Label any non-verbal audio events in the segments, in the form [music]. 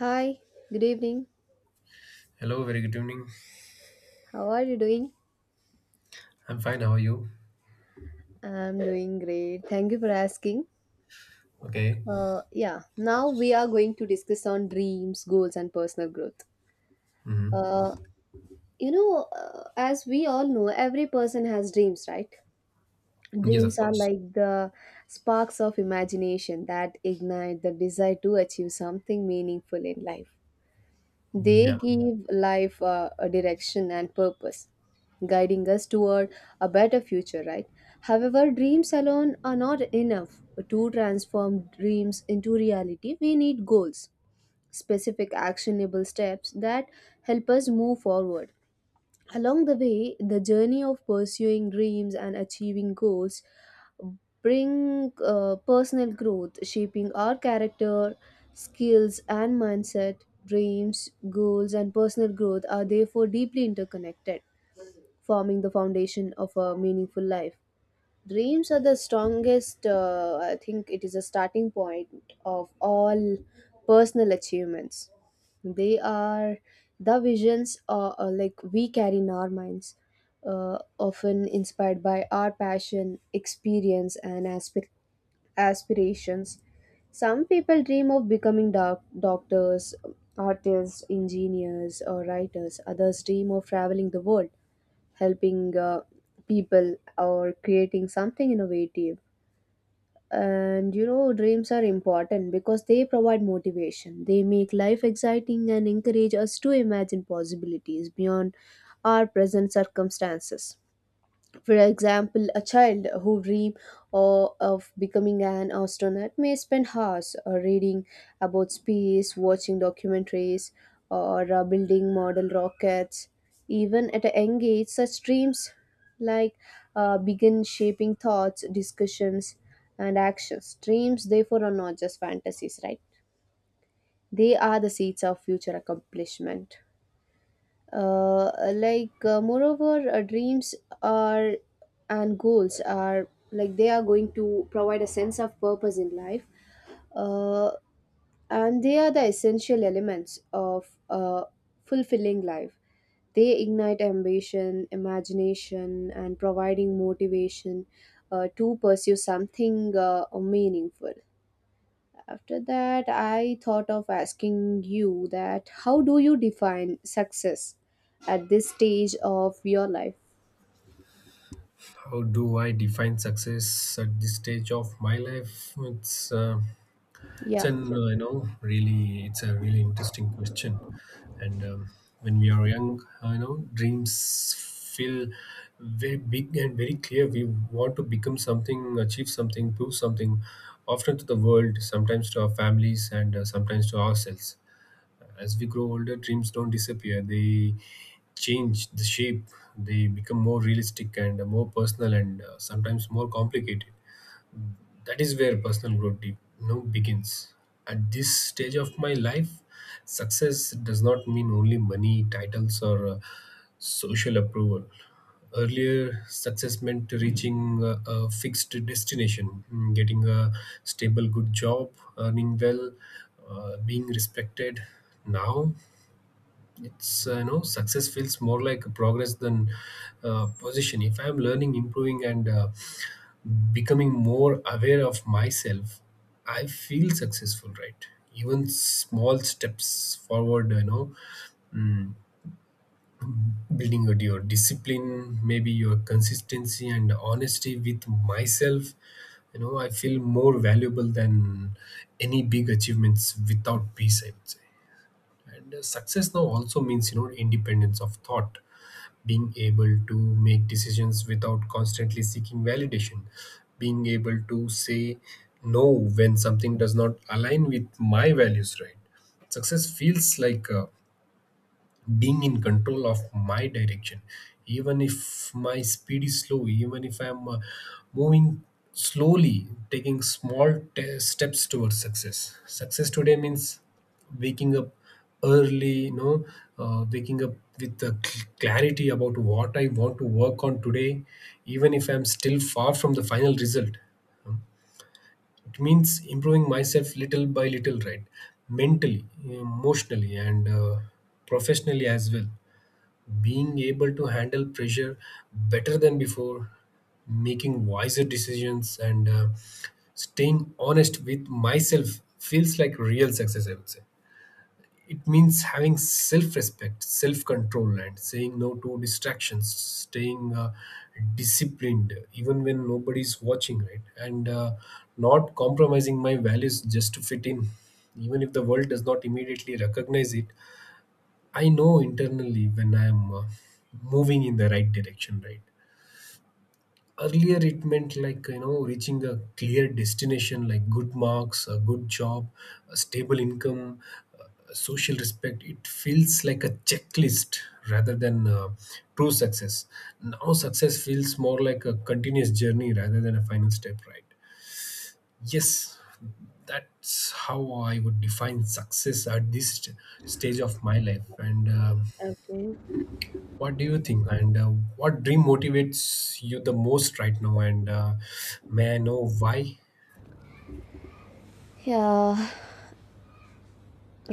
Hi, good evening. Hello, very good evening. How are you doing? I'm fine. How are you? I'm doing great. Thank you for asking. Okay. Yeah, now we are going to discuss on dreams, goals, and personal growth. hmm Uh, as we all know, every person has dreams, right? Yes, Dreams of are course. like the sparks of imagination that ignite the desire to achieve something meaningful in life. They Yeah. give life a direction and purpose, guiding us toward a better future, right? However, dreams alone are not enough. To transform dreams into reality, we need goals, specific actionable steps that help us move forward. Along the way, the journey of pursuing dreams and achieving goals bring personal growth, shaping our character, skills, and mindset. Dreams, goals, and personal growth are therefore deeply interconnected, forming the foundation of a meaningful life. Dreams are the strongest. I think it is a starting point of all personal achievements. They are the visions like we carry in our minds, often inspired by our passion, experience, and aspirations. Some people dream of becoming doctors, artists, engineers, or writers. Others dream of traveling the world, helping people, or creating something innovative. And you know Dreams are important because they provide motivation. They make life exciting and encourage us to imagine possibilities beyond our present circumstances. For example, a child who dream or of becoming an astronaut may spend hours reading about space, watching documentaries, or building model rockets. Even at a young age, such dreams, like, begin shaping thoughts, discussions, and actions. Dreams, therefore, are not just fantasies, right? They are the seeds of future accomplishment. Like, moreover, dreams are and goals are like they are going to provide a sense of purpose in life, uh, and they are the essential elements of a fulfilling life. They ignite ambition, imagination, and providing motivation to pursue something meaningful. After that, I thought of asking you that how do you define success at this stage of your life? How do I define success at this stage of my life? It's Yeah. an you know really it's a really interesting question. And When we are young, dreams feel very big and very clear. We want to become something, achieve something, prove something, often to the world, sometimes to our families, and sometimes to ourselves. As we grow older, dreams don't disappear. They change the shape. They become more realistic and more personal and sometimes more complicated. That is where personal growth begins. At this stage of my life, success does not mean only money, titles, or social approval. Earlier, success meant reaching a fixed destination, getting a stable, good job, earning well, being respected. Now, it's you know success feels more like progress than position. If I'm learning, improving and becoming more aware of myself, I feel successful, right? Even small steps forward, you know, mm, building your discipline, maybe your consistency and honesty with myself, you know, I feel more valuable than any big achievements without peace, I would say. And success now also means, you know, independence of thought, being able to make decisions without constantly seeking validation, being able to say no when something does not align with my values, right? Success feels like a being in control of my direction, even if my speed is slow, even if I'm moving slowly, taking small steps towards success. Success today means waking up early, you know, waking up with the clarity about what I want to work on today, even if I'm still far from the final result. It means improving myself little by little, right? Mentally, emotionally and professionally as well, being able to handle pressure better than before, making wiser decisions and staying honest with myself feels like real success, I would say. It means having self respect, self control, and saying no to distractions, staying disciplined even when nobody's watching, right? And not compromising my values just to fit in, even if the world does not immediately recognize it. I know internally when I'm moving in the right direction, right? Earlier it meant, like, you know, reaching a clear destination, like good marks, a good job, a stable income, uh, social respect. It feels like a checklist rather than true success. Now success feels more like a continuous journey rather than a final step, right? Yes, that's how I would define success at this stage of my life. And Okay. what do you think, and what dream motivates you the most right now? And may I know why? Yeah,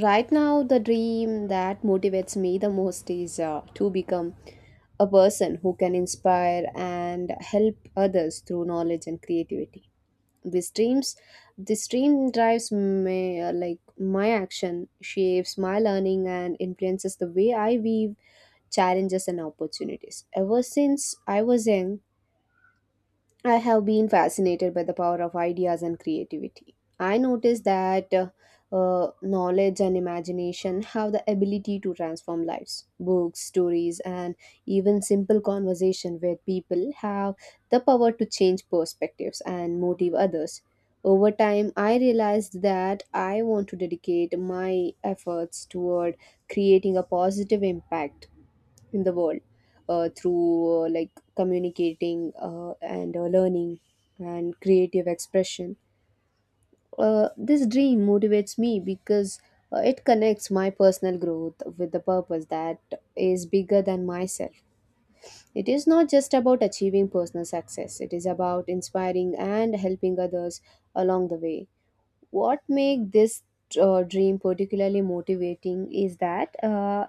right now the dream that motivates me the most is to become a person who can inspire and help others through knowledge and creativity. This dreams, this dream drives my like my action, shapes my learning, and influences the way I weave challenges and opportunities. Ever since I was young, I have been fascinated by the power of ideas and creativity. I noticed that knowledge and imagination have the ability to transform lives. Books, stories, and even simple conversation with people have the power to change perspectives and motive others. Over time, I realized that I want to dedicate my efforts toward creating a positive impact in the world, through, like, communicating and learning and creative expression. This dream motivates me because it connects my personal growth with the purpose that is bigger than myself. It is not just about achieving personal success, it is about inspiring and helping others along the way. What makes this dream particularly motivating is that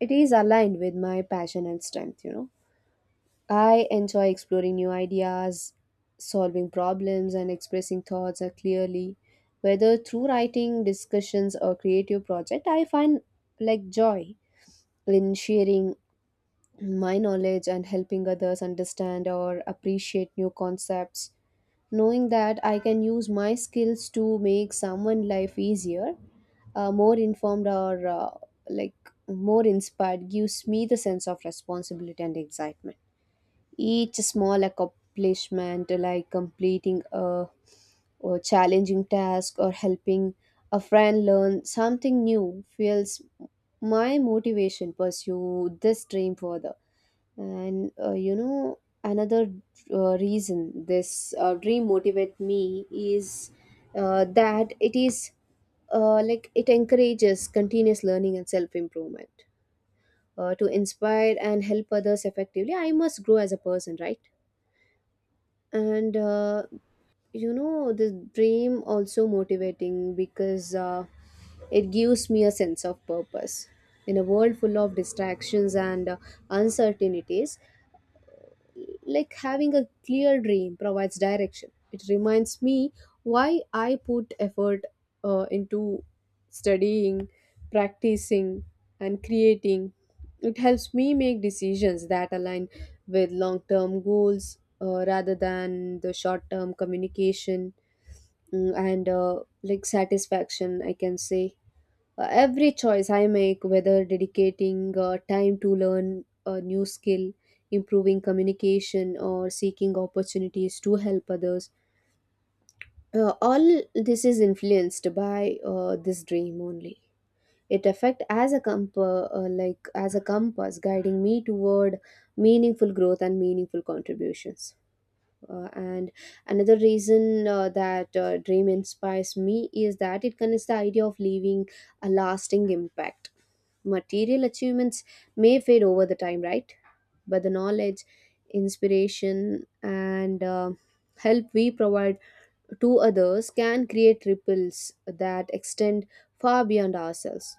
it is aligned with my passion and strength. I enjoy exploring new ideas, solving problems, and expressing thoughts clearly. Whether through writing, discussions, or creative project, I find, like, joy in sharing my knowledge and helping others understand or appreciate new concepts. Knowing that I can use my skills to make someone's life easier, more informed, or like, more inspired gives me the sense of responsibility and excitement. Each small accomplishment, like completing a challenging task or helping a friend learn something new, fuels my motivation pursue this dream further. And uh, you know, another reason this dream motivate me is that it is like it encourages continuous learning and self improvement, to inspire and help others effectively. I must grow as a person, right? and you know This dream also motivating because it gives me a sense of purpose in a world full of distractions and uncertainties. Like, having a clear dream provides direction. It reminds me why I put effort into studying, practicing, and creating. It helps me make decisions that align with long term goals, rather than the short term communication and like satisfaction, I can say. Every choice I make, whether dedicating time to learn a new skill, improving communication, or seeking opportunities to help others, all this is influenced by this dream only. It affect as a like as a compass, guiding me toward meaningful growth and meaningful contributions. And another reason that dream inspires me is that it connects the idea of leaving a lasting impact. Material achievements may fade over the time, right? But the knowledge, inspiration, and help we provide to others can create ripples that extend far beyond ourselves.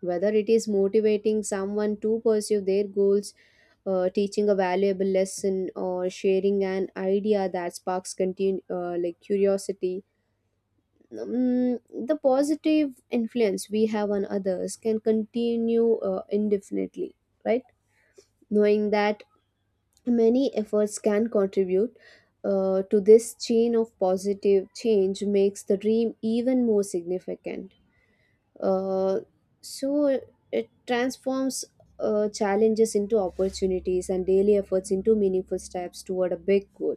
Whether it is motivating someone to pursue their goals, teaching a valuable lesson, or sharing an idea that sparks like, curiosity. Mm, the positive influence we have on others can continue indefinitely, right? Knowing that many efforts can contribute to this chain of positive change makes the dream even more significant. uh, so it transforms challenges into opportunities and daily efforts into meaningful steps toward a big goal.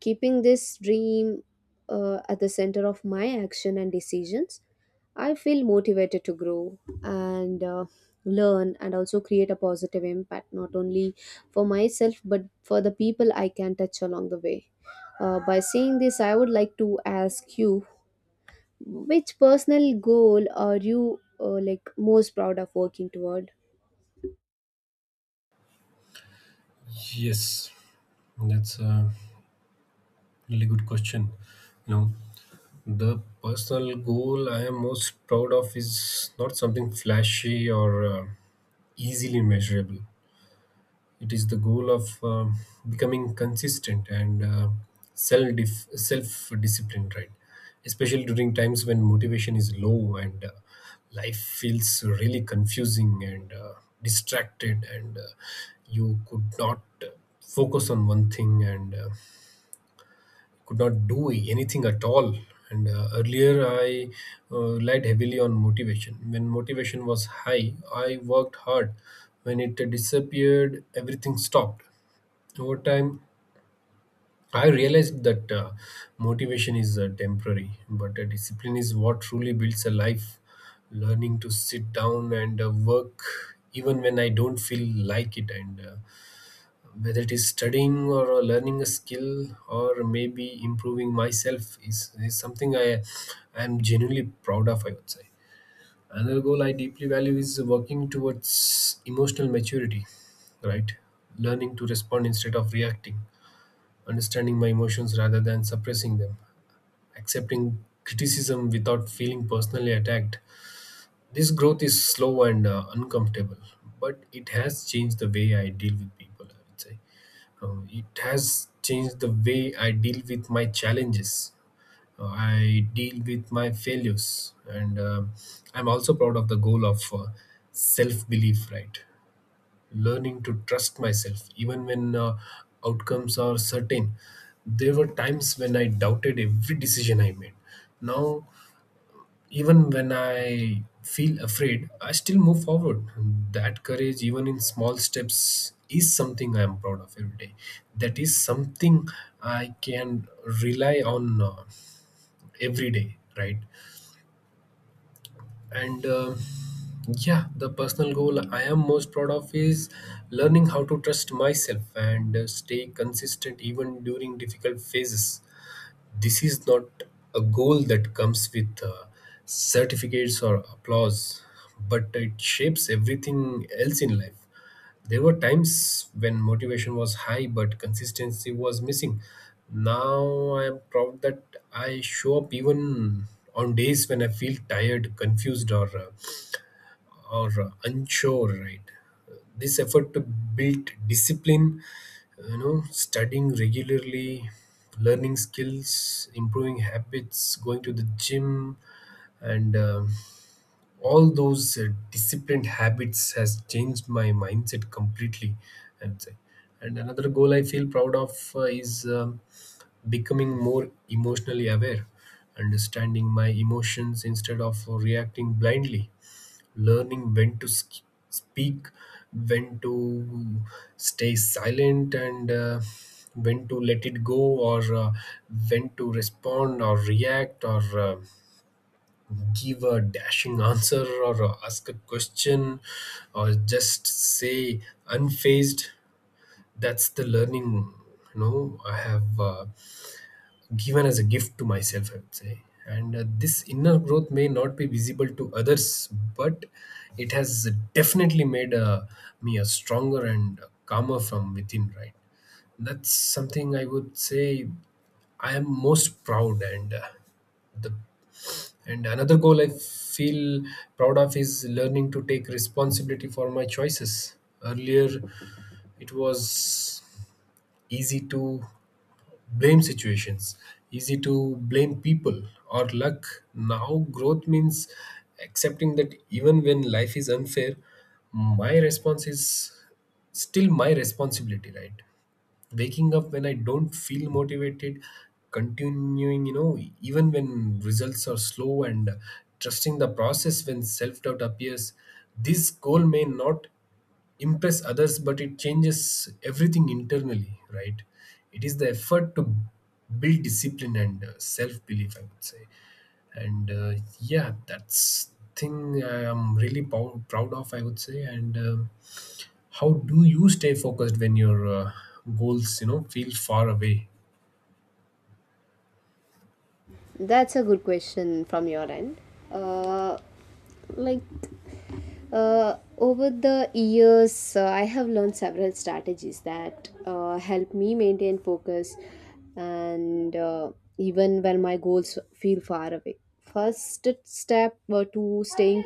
Keeping this dream at the center of my action and decisions, I feel motivated to grow and learn and also create a positive impact not only for myself but for the people I can touch along the way. By saying this, I would like to ask you which personal goal are you like most proud of working toward? Yes, that's a really good question. You know, the personal goal I am most proud of is not something flashy or easily measurable. It is the goal of becoming consistent and self self disciplined, right? Especially during times when motivation is low and life feels really confusing and distracted and you could not focus on one thing and could not do anything at all. And earlier I relied heavily on motivation. When motivation was high, I worked hard. When it disappeared, everything stopped. Over time, I realized that motivation is temporary, but discipline is what truly builds a life. Learning to sit down and work even when I don't feel like it, and whether it is studying or learning a skill or maybe improving myself, is something I am genuinely proud of, I would say. Another goal I deeply value is working towards emotional maturity, right? Learning to respond instead of reacting, understanding my emotions rather than suppressing them, accepting criticism without feeling personally attacked. This growth is slow and uncomfortable, but it has changed the way I deal with people, I would say. It has changed the way I deal with my challenges. I deal with my failures, and I'm also proud of the goal of self belief, right? Learning to trust myself even when outcomes are certain. There were times when I doubted every decision I made. Now, even when I feel afraid, I still move forward. That courage, even in small steps, is something I am proud of every day. That is something I can rely on every day, right? And yeah, the personal goal I am most proud of is learning how to trust myself and stay consistent even during difficult phases. This is not a goal that comes with certificates or applause, but it shapes everything else in life. There were times when motivation was high, but consistency was missing. Now I am proud that I show up even on days when I feel tired, confused, or unsure, right? This effort to build discipline, you know, studying regularly, learning skills, improving habits, going to the gym, and all those disciplined habits has changed my mindset completely. And and another goal I feel proud of is becoming more emotionally aware, understanding my emotions instead of reacting blindly, learning when to speak, when to stay silent and when to let it go or when to respond or react or give a dashing answer or ask a question or just say unfazed. That's the learning, you know, I have given as a gift to myself, I would say. And this inner growth may not be visible to others, but it has definitely made me a stronger and calmer from within, right? That's something I would say I am most proud and the and another goal I feel proud of is learning to take responsibility for my choices. Earlier, it was easy to blame situations. Easy to blame people or luck. Now, growth means accepting that even when life is unfair, my response is still my responsibility, right? Waking up when I don't feel motivated, continuing, you know, even when results are slow, and trusting the process when self doubt appears. This goal may not impress others, but it changes everything internally, right? It is the effort to build discipline and self belief, I would say. And yeah, that's thing I am really proud of, I would say. And how do you stay focused when your goals, you know, feel far away? That's a good question from your end. Uh, like, over the years, I have learned several strategies that help me maintain focus and, even when my goals feel far away. First step to staying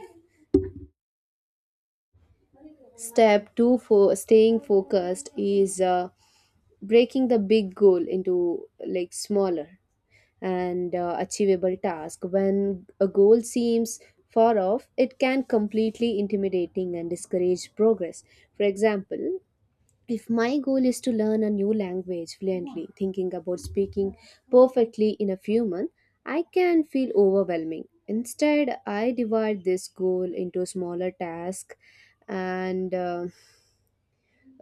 step to for staying focused is breaking the big goal into like smaller and achievable task. When a goal seems far off, it can completely intimidating and discourage progress. For example, if my goal is to learn a new language fluently, thinking about speaking perfectly in a few months, I can feel overwhelming. Instead, I divide this goal into smaller tasks and, uh,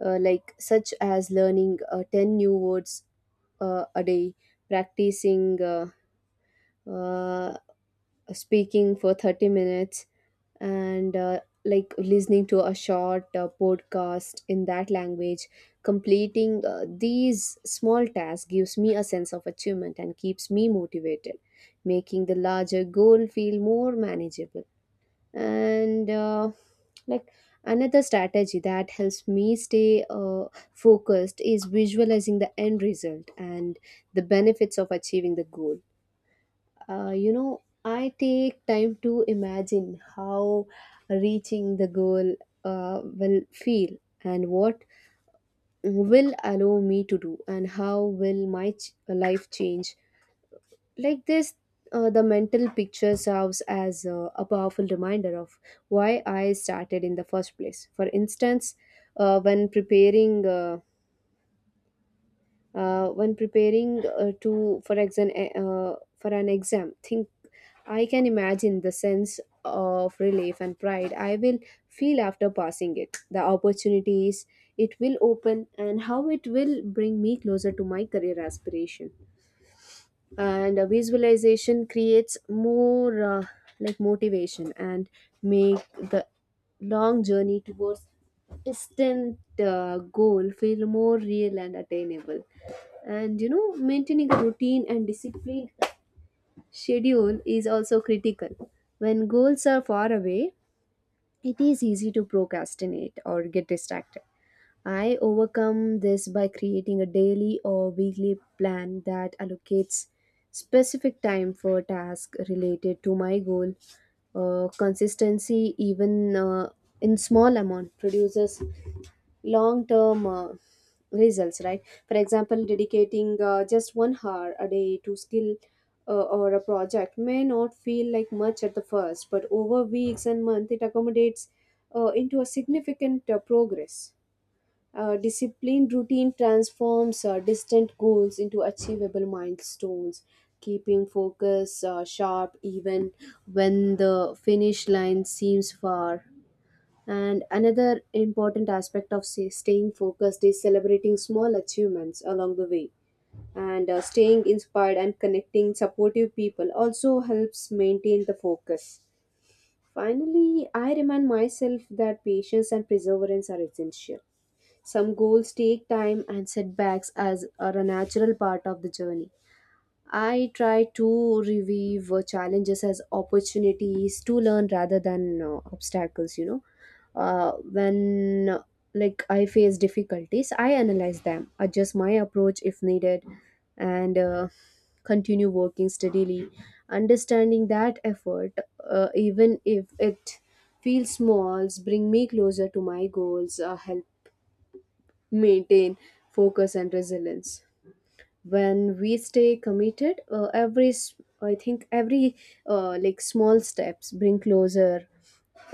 uh, like, such as learning 10 new words a day, practicing, uh, speaking for 30 minutes and, like, listening to a short podcast in that language, completing these small tasks gives me a sense of achievement and keeps me motivated, making the larger goal feel more manageable. And, like, another strategy that helps me stay focused is visualizing the end result and the benefits of achieving the goal. I take time to imagine how reaching the goal will feel and what will allow me to do and how will my life change. Like this, the mental picture serves as a powerful reminder of why I started in the first place. For instance, uh, when preparing uh, when preparing to for exam uh, for an exam, think I can imagine the sense of relief and pride I will feel after passing it, the opportunities it will open, and how it will bring me closer to my career aspiration. And a visualization creates more like motivation and make the long journey towards distant goal feel more real and attainable. And you know Maintaining a routine and discipline schedule is also critical. When goals are far away, it is easy to procrastinate or get distracted. I overcome this by creating a daily or weekly plan that allocates specific time for tasks related to my goal. Consistency, even in small amount, produces long-term results. Right? For example, dedicating just 1 hour a day to skill or a project may not feel like much at the first, but over weeks and months, it accommodates into a significant progress. Disciplined routine transforms distant goals into achievable milestones, keeping focus sharp even when the finish line seems far. And another important aspect of, say, staying focused is celebrating small achievements along the way. And staying inspired and connecting supportive people also helps maintain the focus. Finally, I remind myself that patience and perseverance are essential. Some goals take time and setbacks as are a natural part of the journey. I try to review challenges as opportunities to learn rather than obstacles. When I face difficulties, I analyze them, adjust my approach if needed, and continue working steadily, understanding that effort, even if it feels small, bring me closer to my goals, help maintain focus and resilience when we stay committed every s- I think every like small steps bring closer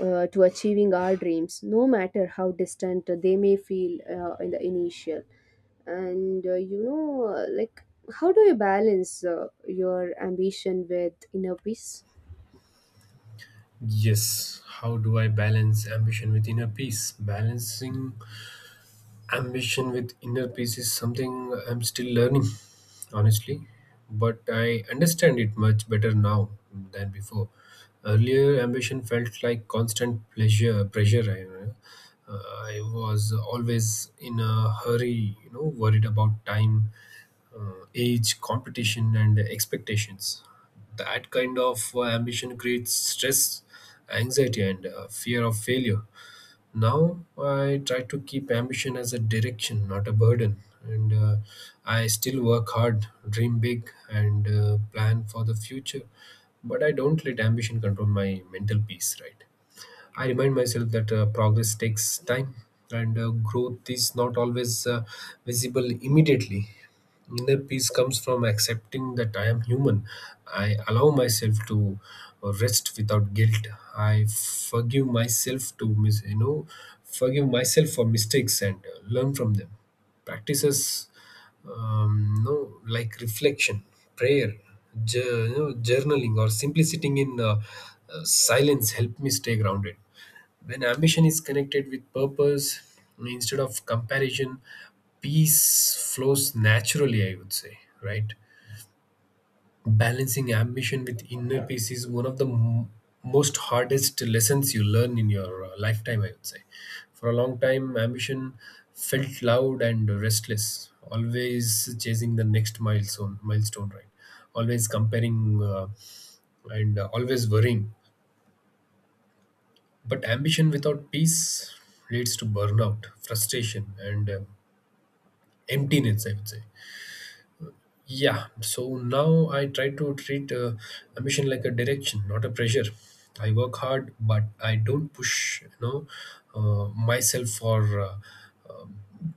to achieving our dreams, no matter how distant they may feel in the initial. And uh, you know uh, like how do you balance your ambition with inner peace? Yes, how do I balance ambition with inner peace? Balancing ambition with inner peace is something I'm still learning, honestly, but I understand it much better now than before. Earlier, ambition felt like constant pleasure pressure. I was always in a hurry, you know, worried about time, age, competition, and expectations. That kind of ambition creates stress, anxiety, and fear of failure. Now, I try to keep ambition as a direction, not a burden. And I still work hard, dream big, and plan for the future. But I don't let ambition control my mental peace, right? I remind myself that progress takes time and growth is not always visible immediately. Inner peace comes from accepting that I am human. I allow myself to rest without guilt. I forgive myself to forgive myself for mistakes and learn from them. Practices no like reflection, prayer, journaling or simply sitting in silence help me stay grounded. When ambition is connected with purpose instead of comparison, peace flows naturally, I would say, right? Balancing ambition with inner peace is one of the most hardest lessons you learn in your lifetime, I would say. For a long time, ambition felt loud and restless, always chasing the next milestone, right? Always comparing and always worrying. But ambition without peace leads to burnout, frustration, and emptiness, I would say. Yeah, so now I try to treat ambition like a direction, not a pressure. I work hard, but I don't push, you know, myself for uh,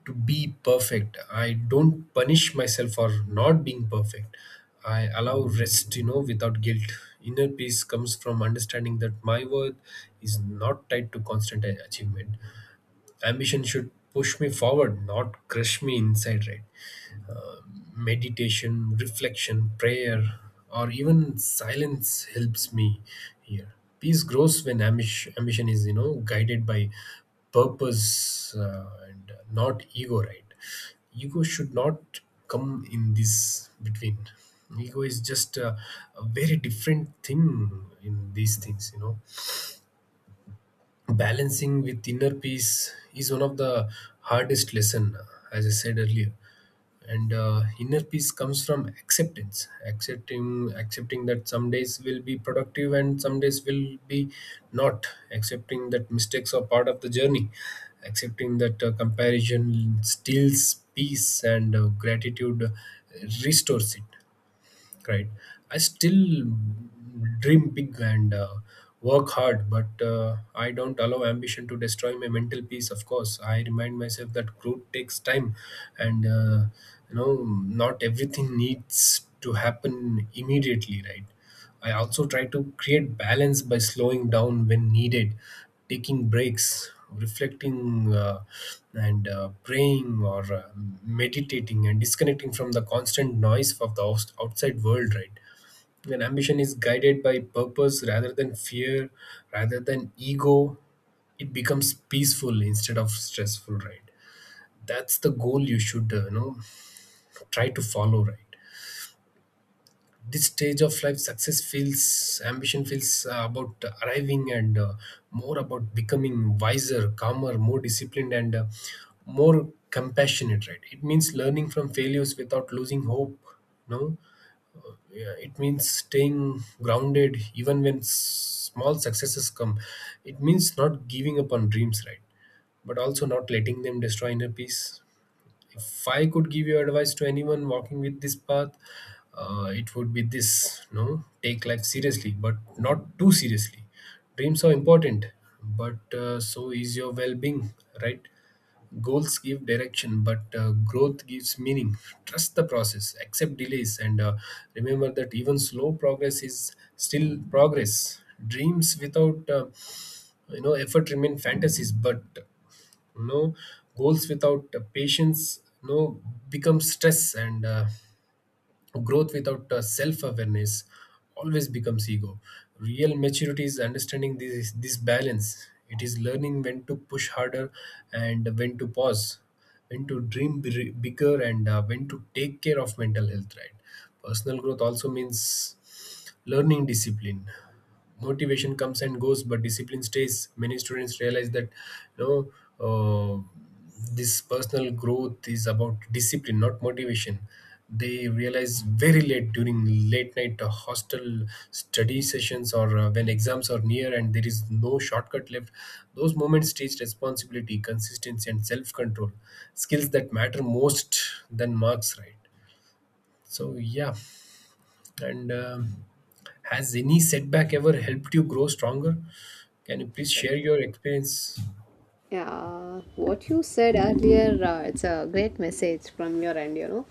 to be perfect. I don't punish myself for not being perfect. I allow rest, you know, without guilt. Inner peace comes from understanding that my worth is not tied to constant achievement. Ambition should push me forward, not crush me inside, right? Meditation, reflection, prayer, or even silence helps me here. Peace grows when ambition is, you know, guided by purpose and not ego, right? Ego should not come in this between. Ego is just a very different thing in these things, you know. Balancing with inner peace is one of the hardest lesson, as I said earlier. And inner peace comes from acceptance, accepting that some days will be productive and some days will be not, accepting that mistakes are part of the journey, accepting that comparison steals peace and gratitude restores it, right? I still dream big and work hard, but I don't allow ambition to destroy my mental peace. Of course, I remind myself that growth takes time and you know, not everything needs to happen immediately, right? I also try to create balance by slowing down when needed, taking breaks, reflecting, and praying or meditating and disconnecting from the constant noise of the outside world, right? When ambition is guided by purpose rather than fear, rather than ego, it becomes peaceful instead of stressful, right? That's the goal you should, you know, try to follow, right? This stage of life success feels ambition feels about arriving and more about becoming wiser, calmer, more disciplined and more compassionate, right? It means learning from failures without losing hope. No, yeah, it means staying grounded even when small successes come. It means not giving up on dreams, right? But also not letting them destroy inner peace. If I could give you advice to anyone walking with this path, it would be this: no, take life seriously, but not too seriously. Dreams are important, but so is your well-being, right? Goals give direction, but growth gives meaning. Trust the process, accept delays, and remember that even slow progress is still progress. Dreams without effort remain fantasies, but no, goals without patience no becomes stress and growth without self-awareness always becomes ego. Real maturity is understanding this balance. It is learning when to push harder and when to pause, when to dream bigger and when to take care of mental health, right? Personal growth also means learning discipline. Motivation comes and goes, but discipline stays. Many students realize that, you know, uh, this personal growth is about discipline, not motivation. They realize very late during late night hostel study sessions or when exams are near and there is no shortcut left. Those moments teach responsibility, consistency and self control, skills that matter most than marks, right? So yeah, and has any setback ever helped you grow stronger? Can you please share your experience? Yeah, what you said earlier, it's a great message from your end, you know.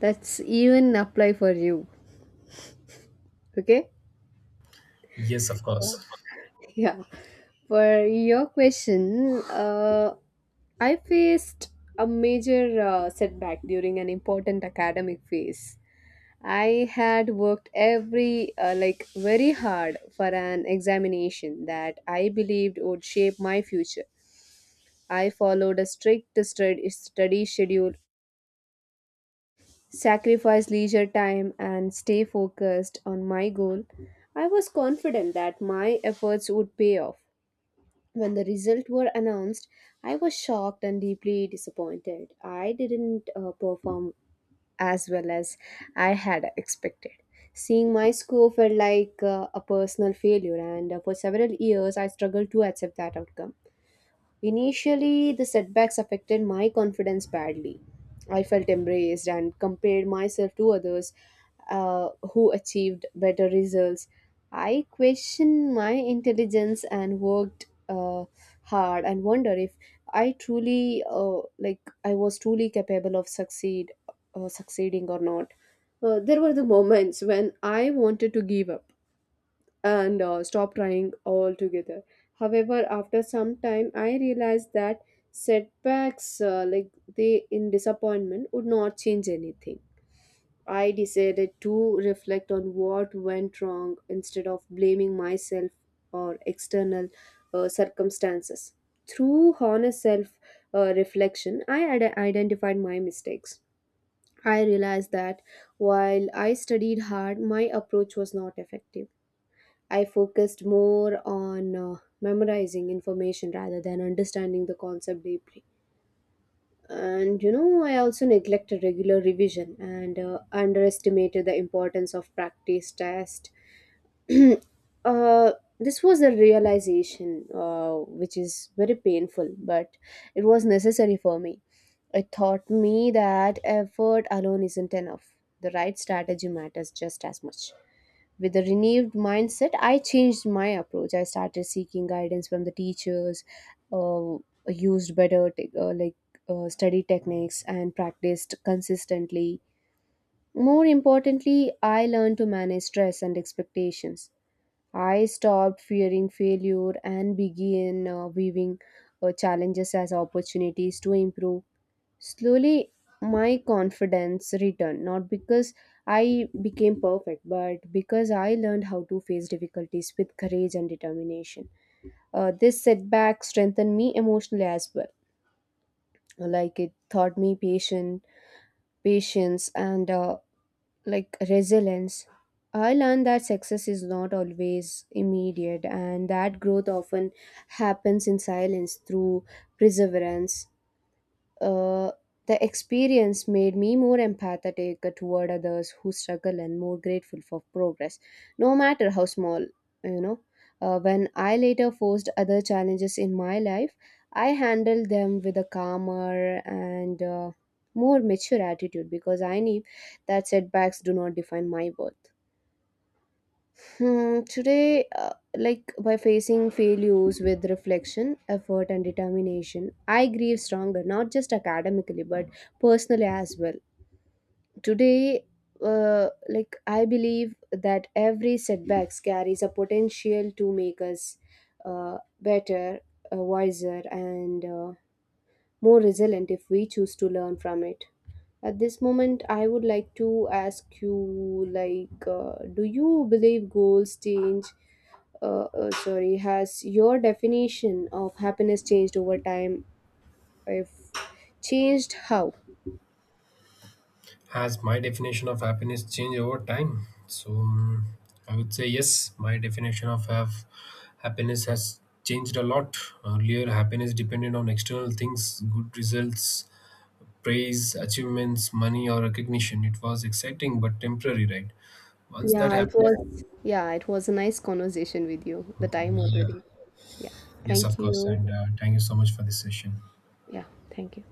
That's even apply for you. Okay. Yes, of course. Yeah. For your question, I faced a major setback during an important academic phase. I had worked every, very hard for an examination that I believed would shape my future. I followed a strict study schedule, sacrificed leisure time, and stay focused on my goal. I was confident that my efforts would pay off. When the results were announced, I was shocked and deeply disappointed. I didn't perform as well as I had expected. Seeing my score felt like a personal failure, and for several years, I struggled to accept that outcome. Initially, the setbacks affected my confidence badly. I felt embraced and compared myself to others who achieved better results. I questioned my intelligence and worked hard and wonder if I was truly capable of succeeding or not. There were the moments when I wanted to give up and stop trying altogether. However, after some time, I realized that setbacks, they in disappointment, would not change anything. I decided to reflect on what went wrong instead of blaming myself or external circumstances. Through honest self reflection, identified my mistakes. I realized that while I studied hard, my approach was not effective. I focused more on memorizing information rather than understanding the concept deeply. And you know, I also neglected regular revision and underestimated the importance of practice test. [clears throat] uh, this was a realization which is very painful, but it was necessary for me. It taught me that effort alone isn't enough. The right strategy matters just as much. With a renewed mindset, I changed my approach. I started seeking guidance from the teachers, uh, used better study techniques and practiced consistently. More importantly, I learned to manage stress and expectations. I stopped fearing failure and began viewing challenges as opportunities to improve. Slowly, my confidence returned, not because I became perfect, but because I learned how to face difficulties with courage and determination. This setback strengthened me emotionally as well. Like it taught me patience, and resilience. I learned that success is not always immediate, and that growth often happens in silence through perseverance. Uh, the experience made me more empathetic toward others who struggle and more grateful for progress, no matter how small, you know. When I later faced other challenges in my life, I handled them with a calmer and more mature attitude because I knew that setbacks do not define my worth. Hmm, today, by facing failures with reflection, effort, and determination, I grieve stronger, not just academically, but personally as well. Today, I believe that every setbacks carries a potential to make us better, wiser, and more resilient if we choose to learn from it. At this moment, I would like to ask you, do you believe goals change? Sorry, has your definition of happiness changed over time? If changed, how? Has my definition of happiness changed over time? So I would say yes, my definition of happiness has changed a lot. Earlier, happiness depended on external things, good results, praise, achievements, money, or recognition. It was exciting but temporary, right? Once that Yeah, it happens, was. Yeah, it was a nice conversation with you. The time yeah, already. Yeah. yes, Thank of course. you. And thank you so much for this session. Yeah. Thank you.